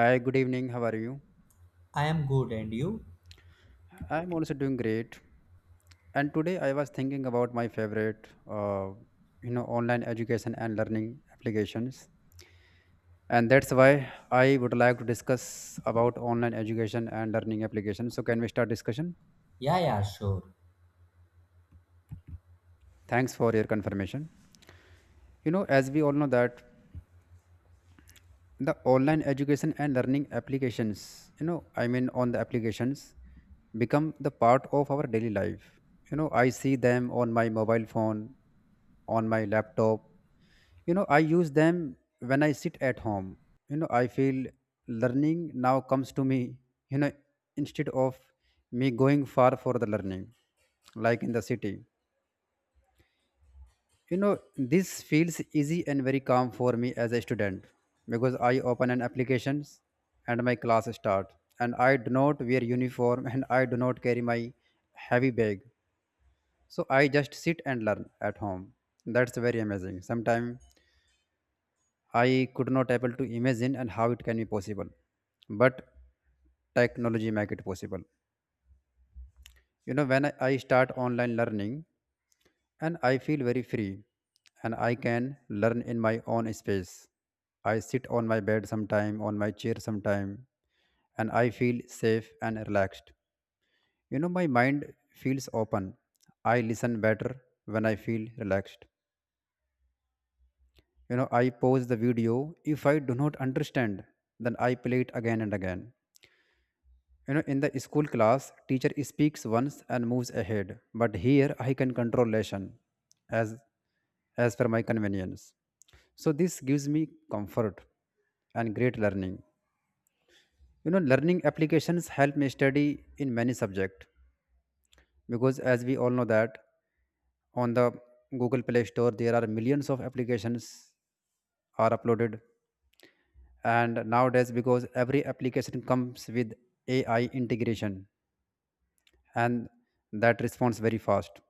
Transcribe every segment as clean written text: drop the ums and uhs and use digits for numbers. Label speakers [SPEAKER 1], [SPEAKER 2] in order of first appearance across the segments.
[SPEAKER 1] Hi, good evening. How are you?
[SPEAKER 2] I am good, and you?
[SPEAKER 1] I'm also doing great. And today I was thinking about my favorite, online education and learning applications. And that's why I would like to discuss about online education and learning applications. So can we start discussion?
[SPEAKER 2] Yeah, yeah, sure.
[SPEAKER 1] Thanks for your confirmation. You know, as we all know that the online education and learning applications on the applications become the part of our daily life, you know. I see them on my mobile phone, on my laptop. You know, I use them when I sit at home. You know, I feel learning now comes to me, you know, instead of me going far for the learning, like in the city. You know, this feels easy and very calm for me as a student, because I open an applications and my class start, and I do not wear uniform and I do not carry my heavy bag. So I just sit and learn at home. That's very amazing. Sometimes I could not able to imagine and how it can be possible. But technology make it possible. You know, when I start online learning, and I feel very free and I can learn in my own space. I sit on my bed sometime, on my chair sometime, and I feel safe and relaxed. You know, my mind feels open. I listen better when I feel relaxed. You know, I pause the video. If I do not understand, then I play it again and again. You know, in the school class, teacher speaks once and moves ahead, but here I can control lesson as as per my convenience. So this gives me comfort and great learning. You know, learning applications help me study in many subjects, because as we all know that on the Google Play Store there are millions of applications are uploaded, and nowadays because every application comes with AI integration and that responds very fast.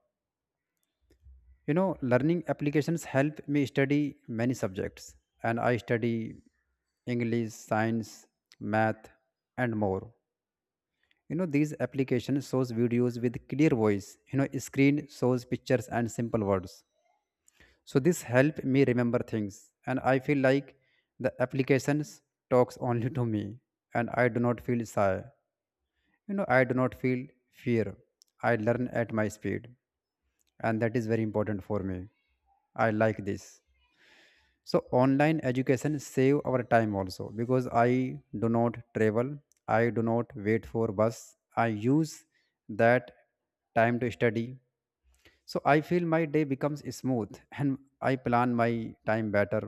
[SPEAKER 1] You know, learning applications help me study many subjects, and I study english, science, math and more. You know, these applications shows videos with clear voice. You know, screen shows pictures and simple words, so this help me remember things, and I feel like the applications talks only to me, and I do not feel shy. You know, I do not feel fear. I learn at my speed, and that is very important for me. I like this. So online education save our time also, because I do not travel, I do not wait for bus. I use that time to study, so I feel my day becomes smooth and I plan my time better.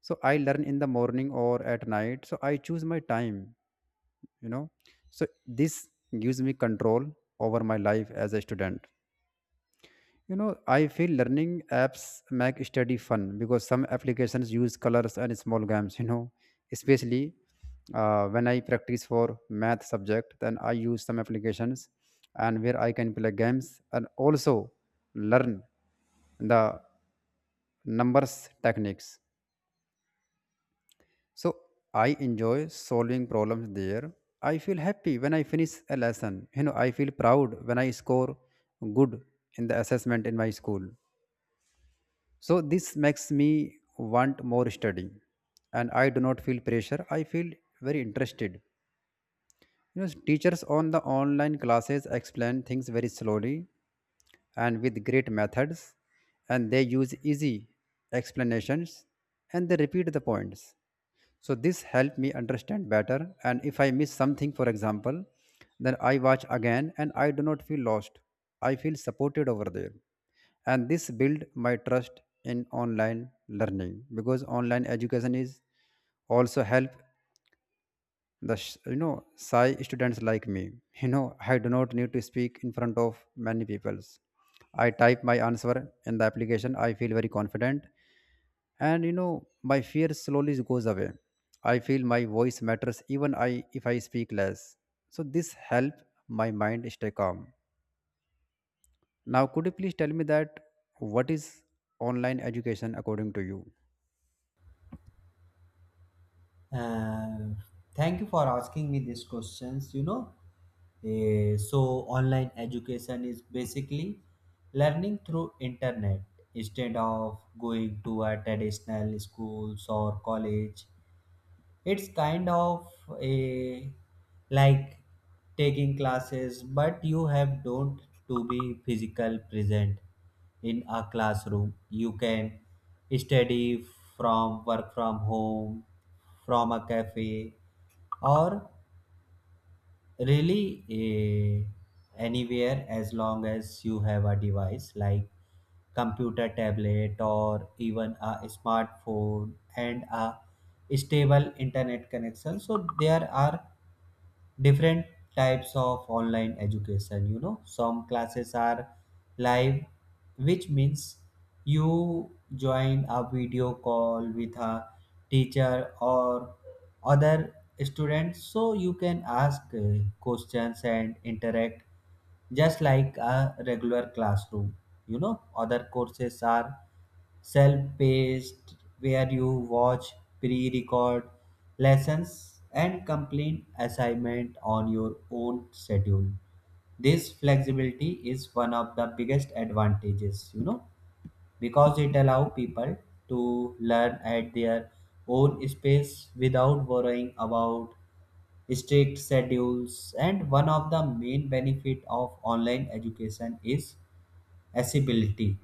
[SPEAKER 1] So I learn in the morning or at night, so I choose my time, you know. So this gives me control over my life as a student. You know, I feel learning apps make study fun because some applications use colors and small games, you know, especially when I practice for math subject, then I use some applications and where I can play games and also learn the numbers techniques. So I enjoy solving problems there. I feel happy when I finish a lesson. You know, I feel proud when I score good in the assessment in my school. So this makes me want more study, and I do not feel pressure. I feel very interested. You know, teachers on the online classes explain things very slowly and with great methods, and they use easy explanations and they repeat the points, so this helped me understand better. And if I miss something, for example, then I watch again and I do not feel lost. I feel supported over there, and this build my trust in online learning, because online education is also help the you know, shy students like me you know, I do not need to speak in front of many peoples. I type my answer in the application. I feel very confident, and you know, my fear slowly goes away. I feel my voice matters even I if I speak less. So this help my mind stay calm. Now could you please tell me that what is online education according to you?
[SPEAKER 2] Uh, Thank you for asking me these questions. So online education is basically learning through internet instead of going to a traditional schools or college. It's kind of a like taking classes, but you have don't to be physical present in a classroom. You can study from work, from home, from a cafe, or really anywhere, as long as you have a device like computer, tablet, or even a smartphone, and a stable internet connection. So there are different types of online education. You know, some classes are live, which means you join a video call with a teacher or other students, so you can ask questions and interact just like a regular classroom. You know, other courses are self-paced, where you watch pre-record lessons and complete assignment on your own schedule. This flexibility is one of the biggest advantages, you know, because it allows people to learn at their own space without worrying about strict schedules. And one of the main benefit of online education is accessibility.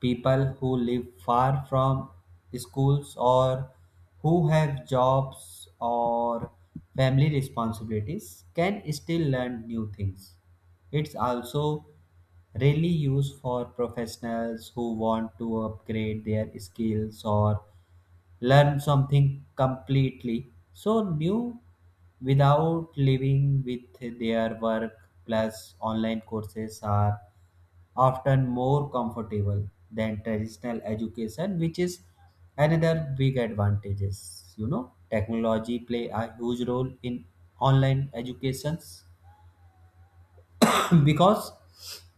[SPEAKER 2] People who live far from schools, or who have jobs or family responsibilities, can still learn new things. It's also really used for professionals who want to upgrade their skills or learn something completely so new without living with their work. Plus online courses are often more comfortable than traditional education, which is another big advantages. You know, technology play a huge role in online educations because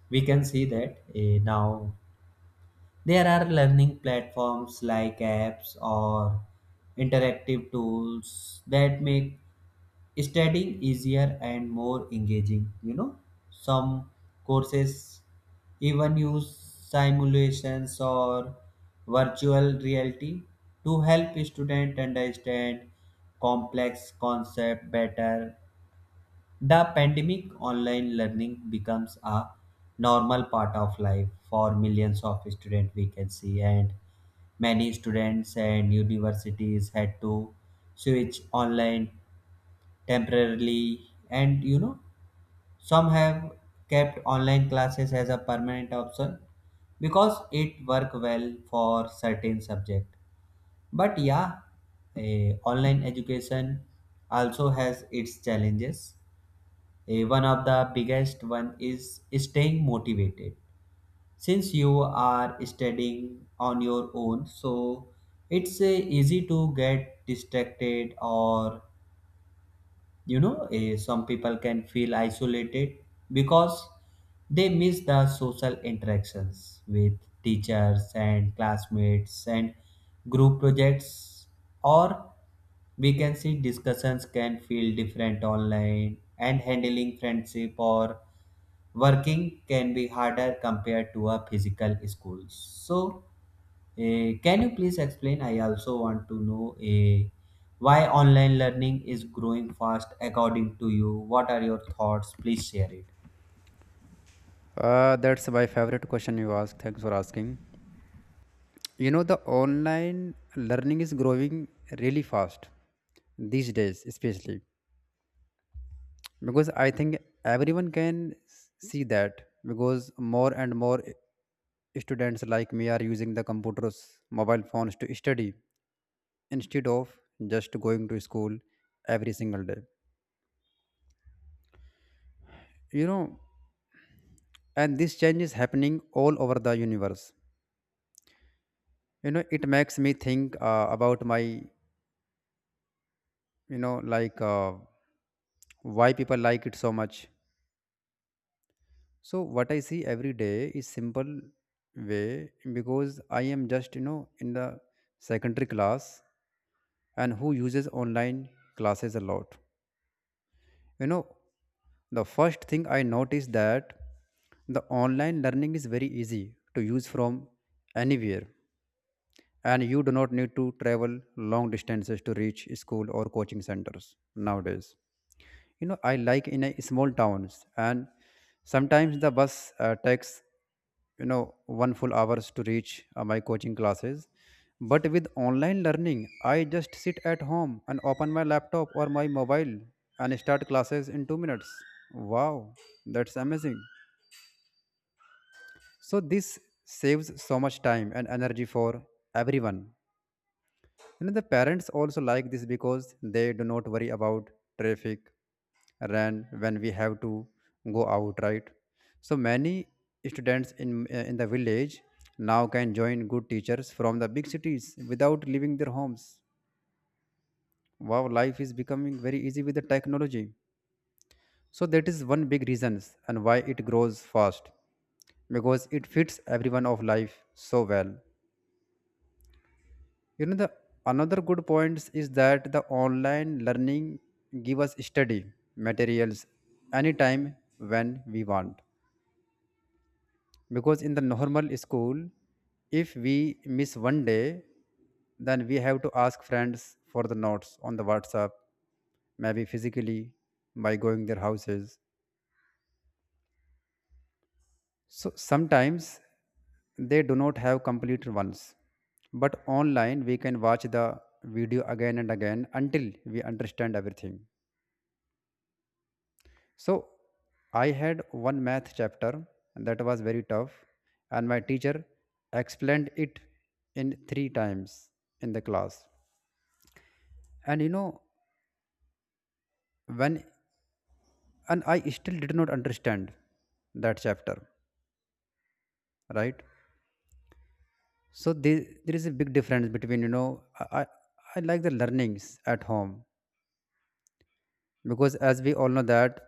[SPEAKER 2] we can see that, now there are learning platforms like apps or interactive tools that make studying easier and more engaging. You know, some courses even use simulations or virtual reality to help students understand complex concepts better. The pandemic online learning becomes a normal part of life for millions of students, we can see. And many students and universities had to switch online temporarily, and you know, some have kept online classes as a permanent option because it work well for certain subject. But yeah, online education also has its challenges. One of the biggest one is staying motivated, since you are studying on your own. So it's easy to get distracted, or you know, some people can feel isolated because they miss the social interactions with teachers and classmates, and group projects, or we can see discussions can feel different online. And handling friendship or working can be harder compared to a physical school. So, can you please explain? I also want to know, why online learning is growing fast according to you? What are your thoughts? Please share it.
[SPEAKER 1] That's my favorite question you asked. Thanks for asking. You know, the online learning is growing really fast these days, especially because I think everyone can see that, because more and more students like me are using the computers, mobile phones to study instead of just going to school every single day. You know, and this change is happening all over the universe. You know, it makes me think about my know like uh, why people like it so much. So what I see every day is simple way, because I am just, you know, in the secondary class and who uses online classes a lot. You know, the first thing I noticed that the online learning is very easy to use from anywhere, and you do not need to travel long distances to reach school or coaching centers nowadays. You know, I like in a small towns, and sometimes the bus takes, you know, one full hours to reach my coaching classes. But with online learning I just sit at home and open my laptop or my mobile and start classes in 2 minutes. Wow, that's amazing. So this saves so much time and energy for everyone. And the parents also like this because they do not worry about traffic run when we have to go out, right? So many students in the village now can join good teachers from the big cities without leaving their homes. Wow, life is becoming very easy with the technology. So that is one big reasons and why it grows fast, because it fits everyone of life so well. You know, the another good points is that the online learning give us study materials anytime when we want, because in the normal school if we miss 1 day, then we have to ask friends for the notes on the whatsapp, maybe physically by going their houses, so sometimes they do not have complete ones. But online we can watch the video again and again until we understand everything. So I had one math chapter that was very tough, and my teacher explained it in 3 times in the class. And you know, when and I still did not understand that chapter, right? So there is a big difference between, you know, I like the learnings at home, because as we all know that,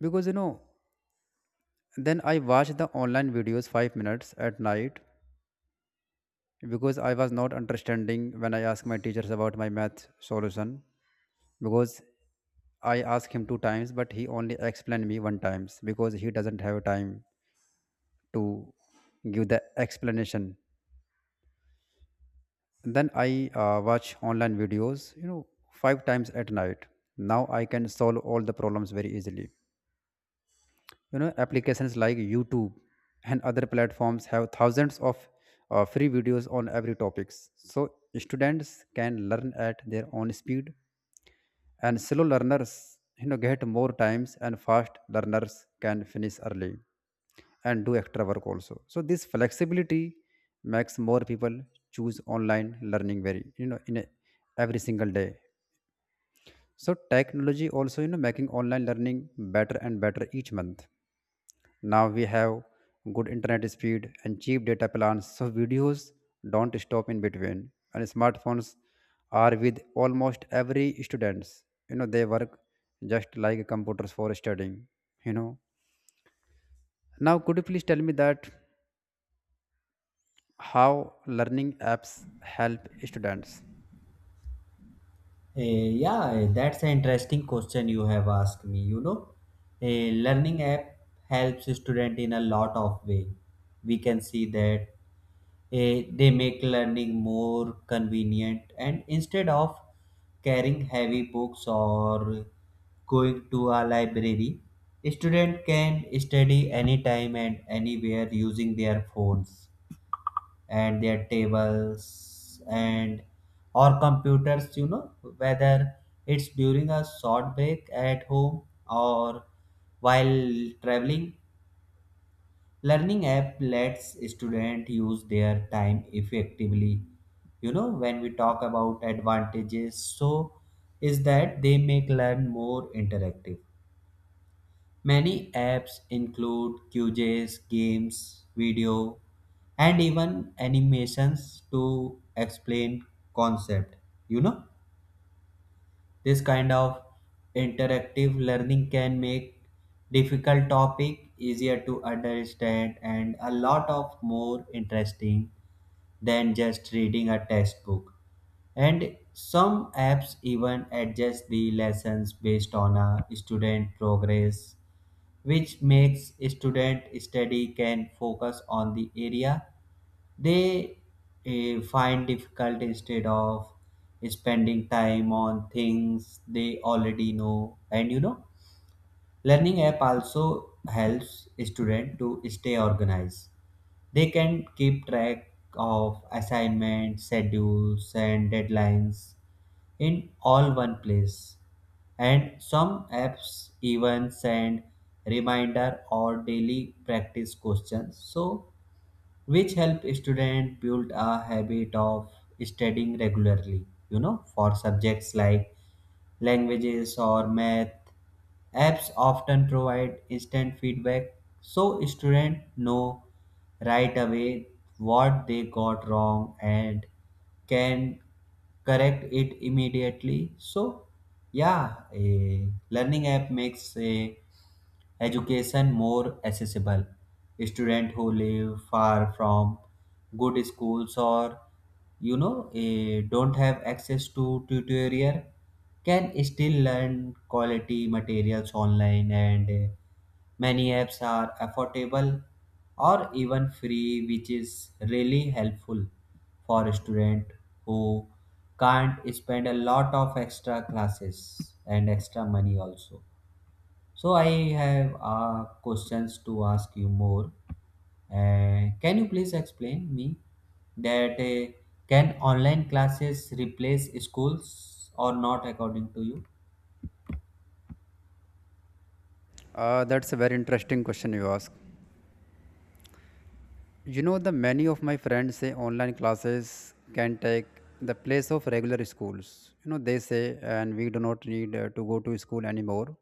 [SPEAKER 1] because you know, then I watch the online videos 5 minutes at night, because I was not understanding when I asked my teachers about my math solution, because I asked him 2 times but he only explained me 1 times because he doesn't have time to give the explanation. Then I watch online videos, you know, 5 times at night. Now I can solve all the problems very easily. You know, applications like YouTube and other platforms have thousands of free videos on every topics, so students can learn at their own speed. And slow learners, you know, get more times, and fast learners can finish early and do extra work also. So this flexibility makes more people choose online learning very, you know, in a, every single day. So technology also, you know, making online learning better and better each month. Now we have good internet speed and cheap data plans, so videos don't stop in between. And smartphones are with almost every students. You know, they work just like computers for studying, you know. Now could you please tell me that how learning apps help students?
[SPEAKER 2] Yeah, that's an interesting question you have asked me. You know, a learning app helps student in a lot of way. We can see that. They make learning more convenient. And instead of carrying heavy books or going to a library, student can study anytime and anywhere using their phones and their tables and or computers. You know, whether it's during a short break at home or while traveling, learning app lets students use their time effectively. You know, when we talk about advantages, so is that they make learn more interactive. Many apps include quizzes, games, video, and even animations to explain concept. You know, this kind of interactive learning can make difficult topic easier to understand and a lot of more interesting than just reading a textbook. And some apps even adjust the lessons based on a student progress, which makes student study can focus on the area they find difficult instead of spending time on things they already know. And you know, learning app also helps student to stay organized. They can keep track of assignments, schedules, and deadlines in all one place. And some apps even send reminder or daily practice questions, so which help student build a habit of studying regularly. You know, for subjects like languages or math, apps often provide instant feedback, so students know right away what they got wrong and can correct it immediately. So yeah, a learning app makes a education more accessible. Students who live far from good schools, or you know, don't have access to tutorial, can still learn quality materials online. And many apps are affordable or even free, which is really helpful for a student who can't spend a lot of extra classes and extra money also. So I have questions to ask you more. Can you please explain me that, can online classes replace schools or not according to you?
[SPEAKER 1] That's a very interesting question you ask. You know, the many of my friends say online classes can take the place of regular schools. You know, they say, and we do not need to go to school anymore,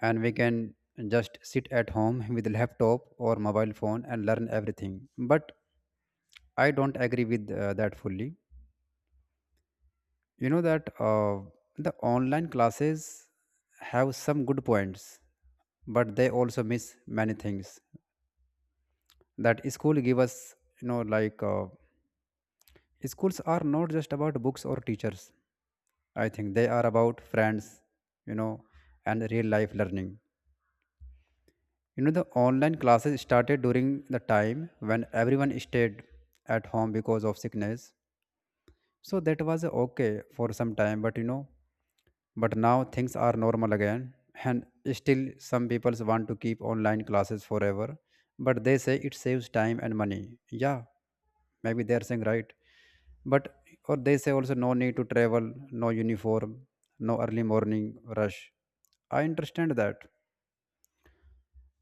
[SPEAKER 1] and we can just sit at home with laptop or mobile phone and learn everything. But I don't agree with that fully. You know that, the online classes have some good points, but they also miss many things that school give us. You know, like. Schools are not just about books or teachers. I think they are about friends, you know, and real life learning. You know, the online classes started during the time when everyone stayed at home because of sickness. So that was okay for some time, but you know, but now things are normal again, and still some people want to keep online classes forever, but they say it saves time and money. Yeah, maybe they're saying right. But or they say also no need to travel, no uniform, no early morning rush. I understand that.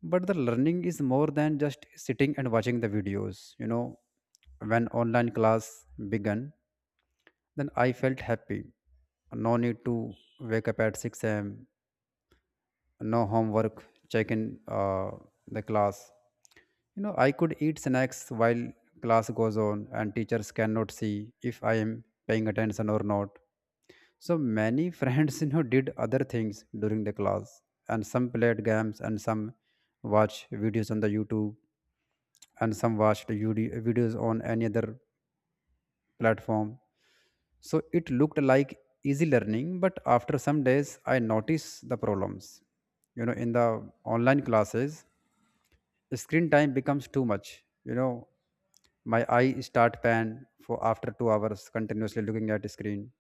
[SPEAKER 1] But the learning is more than just sitting and watching the videos. You know, when online class began, then I felt happy. No need to wake up at 6 a.m., no homework check in the class. You know, I could eat snacks while class goes on, and teachers cannot see if I am paying attention or not. So many friends, you know, did other things during the class. And some played games, and some watched videos on the youtube, and some watched videos on any other platform. So it looked like easy learning, but after some days I noticed the problems, you know, in the online classes. Screen time becomes too much, you know, my eye start pan for after 2 hours continuously looking at screen,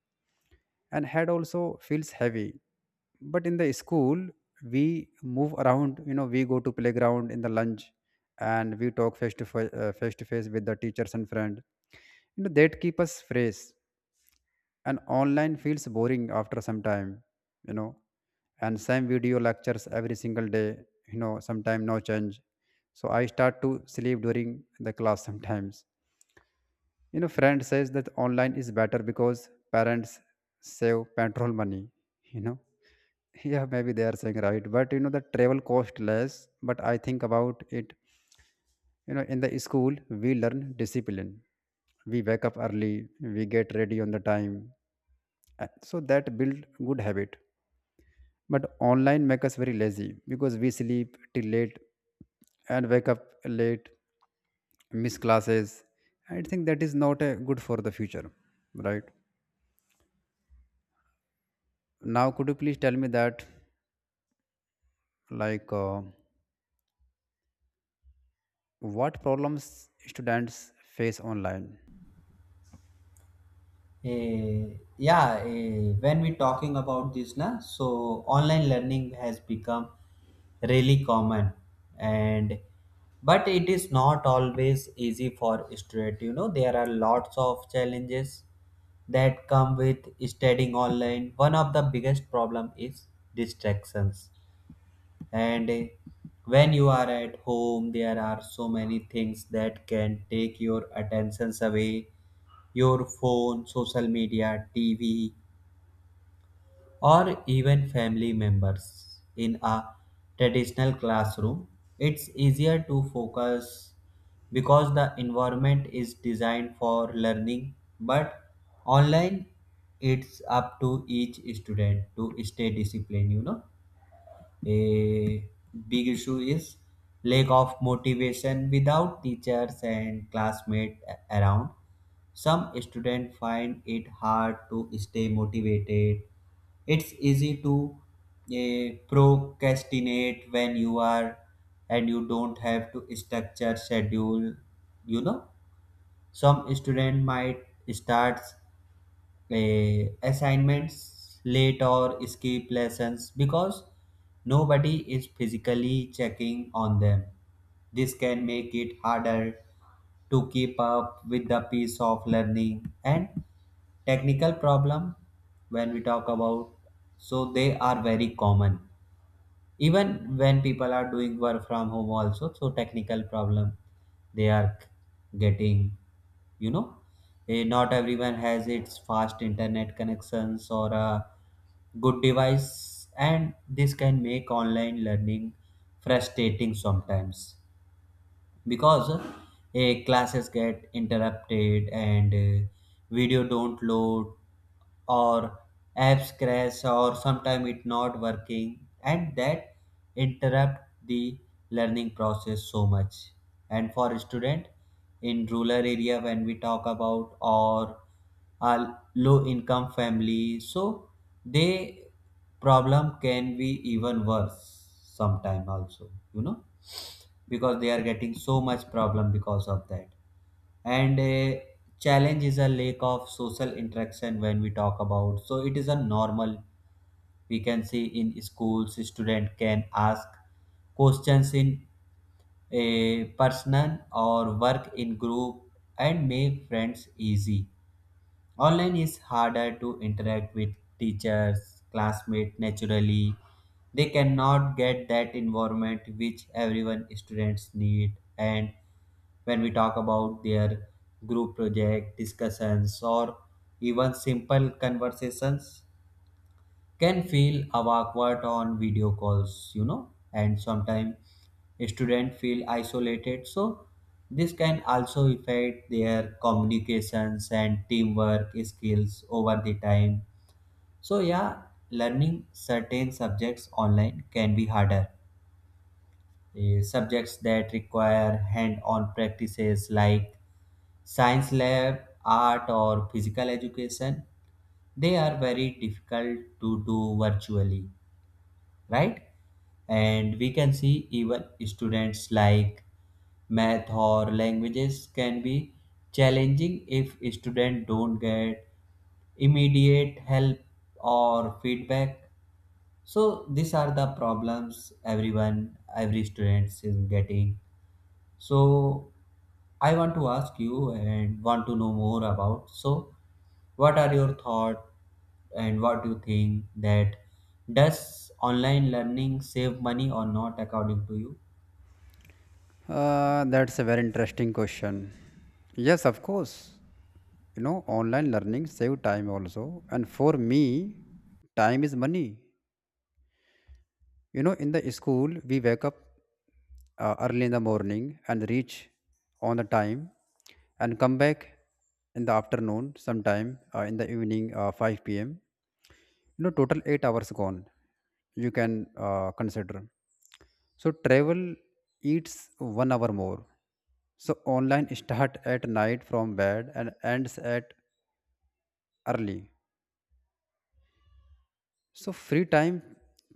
[SPEAKER 1] and head also feels heavy. But in the school, we move around, you know, we go to playground in the lunch, and we talk face to face with the teachers and friend. You know that keep us fresh, and online feels boring after some time, you know, and same video lectures every single day. You know, sometime no change, so I start to sleep during the class sometimes. You know, friend says that online is better because parents save petrol money, you know. Yeah, maybe they are saying right, but you know the travel cost less, but I think about it. You know, in the school we learn discipline, we wake up early, we get ready on the time, so that build good habit. But online make us very lazy because we sleep till late and wake up late, miss classes. I think that is not good for the future, right? Now could you please tell me that, like, what problems students face online?
[SPEAKER 2] Eh, yeah, when we talking about this, na, so online learning has become really common, and but it is not always easy for student. You know, there are lots of challenges that come with studying online. One of the biggest problem is distractions. And when you are at home, there are so many things that can take your attentions away: your phone, social media, TV, or even family members. In a traditional classroom, it's easier to focus because the environment is designed for learning. But online, it's up to each student to stay disciplined. You know, a big issue is lack of motivation. Without teachers and classmates around, some students find it hard to stay motivated. It's easy to procrastinate when you are and you don't have to structure schedule. You know, some student might start assignments late or skip lessons because nobody is physically checking on them. This can make it harder to keep up with the pace of learning. And technical problem, when we talk about, so they are very common, even when people are doing work from home also. So technical problem, they are getting, you know, not everyone has its fast internet connections or a good device, and this can make online learning frustrating sometimes because classes get interrupted, and video don't load, or apps crash, or sometimes it not working, and that interrupt the learning process so much. And for student in rural area, when we talk about, or a low income family, so they problem can be even worse sometime also, you know, because they are getting so much problem because of that. And a challenge is a lack of social interaction. When we talk about, so it is a normal, we can see in schools student can ask questions in a personal or work in group and make friends easy. Online is harder to interact with teachers, classmates naturally. They cannot get that environment which everyone students need. And when we talk about their group project discussions or even simple conversations, can feel awkward on video calls, you know. And sometimes students feel isolated, so this can also affect their communications and teamwork skills over the time. So yeah, learning certain subjects online can be harder. Subjects that require hand-on practices like science lab, art, or physical education, they are very difficult to do virtually, right? And we can see even students like math or languages can be challenging if students don't get immediate help or feedback. So these are the problems everyone, every student is getting. So I want to ask you and want to know more about. So what are your thought, and what do you think that, does online learning save money or not according to you?
[SPEAKER 1] That's a very interesting question. Yes, of course. You know online learning save time also, and for me time is money. You know, in the school, we wake up early in the morning and reach on the time and come back in the afternoon, sometime in the evening 5 p.m. You know, total 8 hours gone. You can consider. So, travel eats 1 hour more. So, online start at night from bed and ends at early. So free time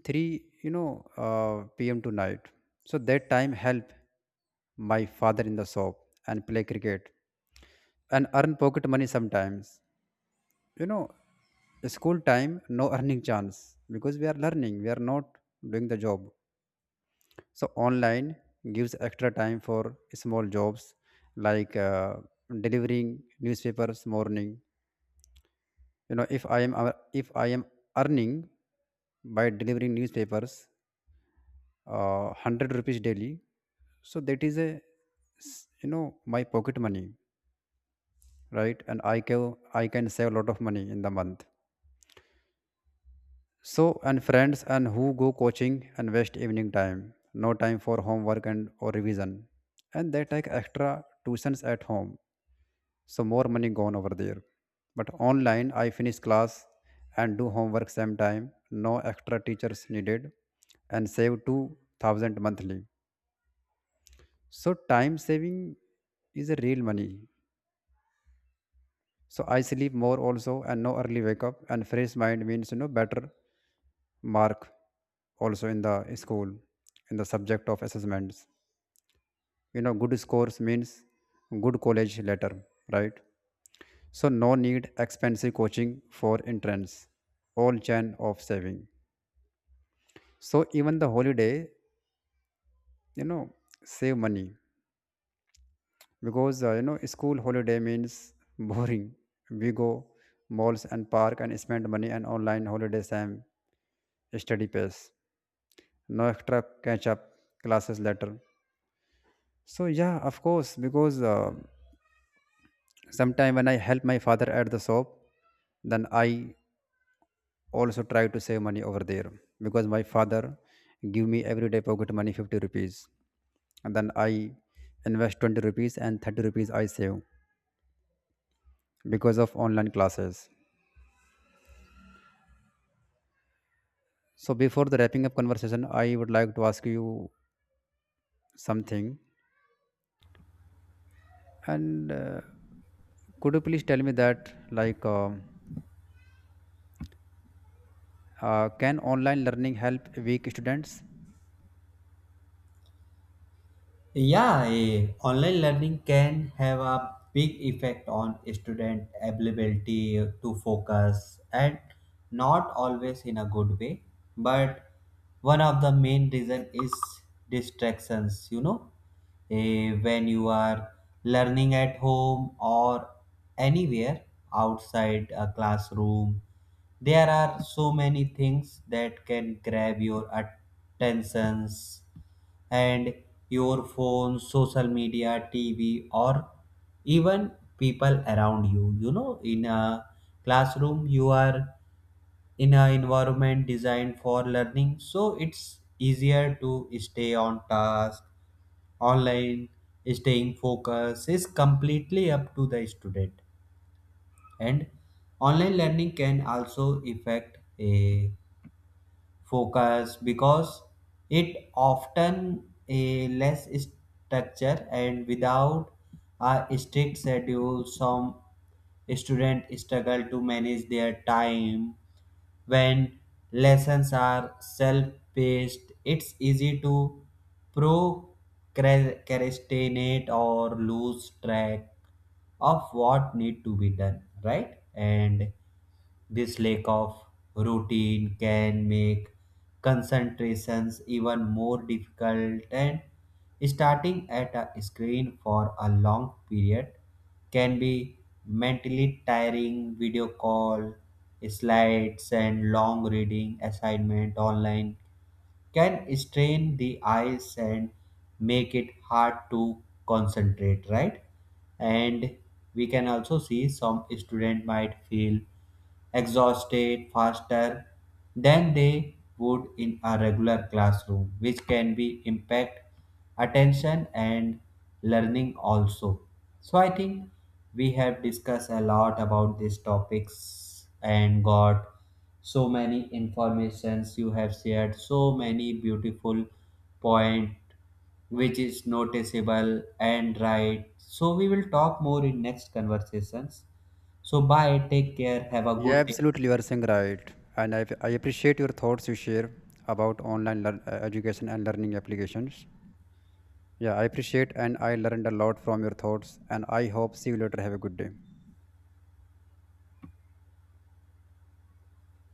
[SPEAKER 1] 3, you know, pm to night, so that time help my father in the shop, and play cricket, and earn pocket money sometimes, you know. School time no earning chance because we are learning, we are not doing the job. So online gives extra time for small jobs, like delivering newspapers morning. You know, if I am earning by delivering newspapers 100 rupees daily, so that is a you know, my pocket money, right? And I can save a lot of money in the month. So, and friends and who go coaching and waste evening time, no time for homework and or revision, and they take extra tuitions at home, so more money gone over there. But online I finish class and do homework same time, no extra teachers needed, and save 2000 monthly. So time saving is a real money. So I sleep more also, and no early wake up, and fresh mind means, you know, better mark also in the school, in the subject of assessments. You know good scores means good college later, right? So no need expensive coaching for entrance. All chain of saving. So even the holiday, you know, save money because you know school holiday means boring, we go malls and park and spend money. And online holidays time, study pace, no extra catch up classes later. So yeah, of course, because sometime when I help my father at the shop, then I also try to save money over there, because my father give me everyday pocket money 50 rupees, and then I invest 20 rupees and 30 rupees I save, because of online classes. So before the wrapping up conversation, I would like to ask you something. And could you please tell me that, like, can online learning help weak students?
[SPEAKER 2] Yeah, online learning can have a big effect on student ability to focus, and not always in a good way. But one of the main reason is distractions, you know. When you are learning at home or anywhere outside a classroom, there are so many things that can grab your attentions, and your phone, social media, TV, or even people around you. You know, in a classroom, you are in an environment designed for learning, so it's easier to stay on task. Online, staying focused is completely up to the student. And online learning can also affect a focus because it often a less structure, and without a strict schedule, some students struggle to manage their time. When lessons are self-paced, it's easy to procrastinate or lose track of what need to be done, right? And this lack of routine can make concentrations even more difficult. And starting at a screen for a long period can be mentally tiring. Video call, slides, and long reading assignment online can strain the eyes and make it hard to concentrate, right? And we can also see some student might feel exhausted faster than they would in a regular classroom, which can be impact attention and learning also. So I think we have discussed a lot about these topics and got so many informations. You have shared so many beautiful point, which is noticeable and right. So we will talk more in next conversations. So bye, take care, have a
[SPEAKER 1] Yeah,
[SPEAKER 2] good day.
[SPEAKER 1] absolutely, you are saying right. And I appreciate your thoughts you share about online education and learning applications. Yeah, I appreciate and I learned a lot from your thoughts. And I hope see you later. Have a good day.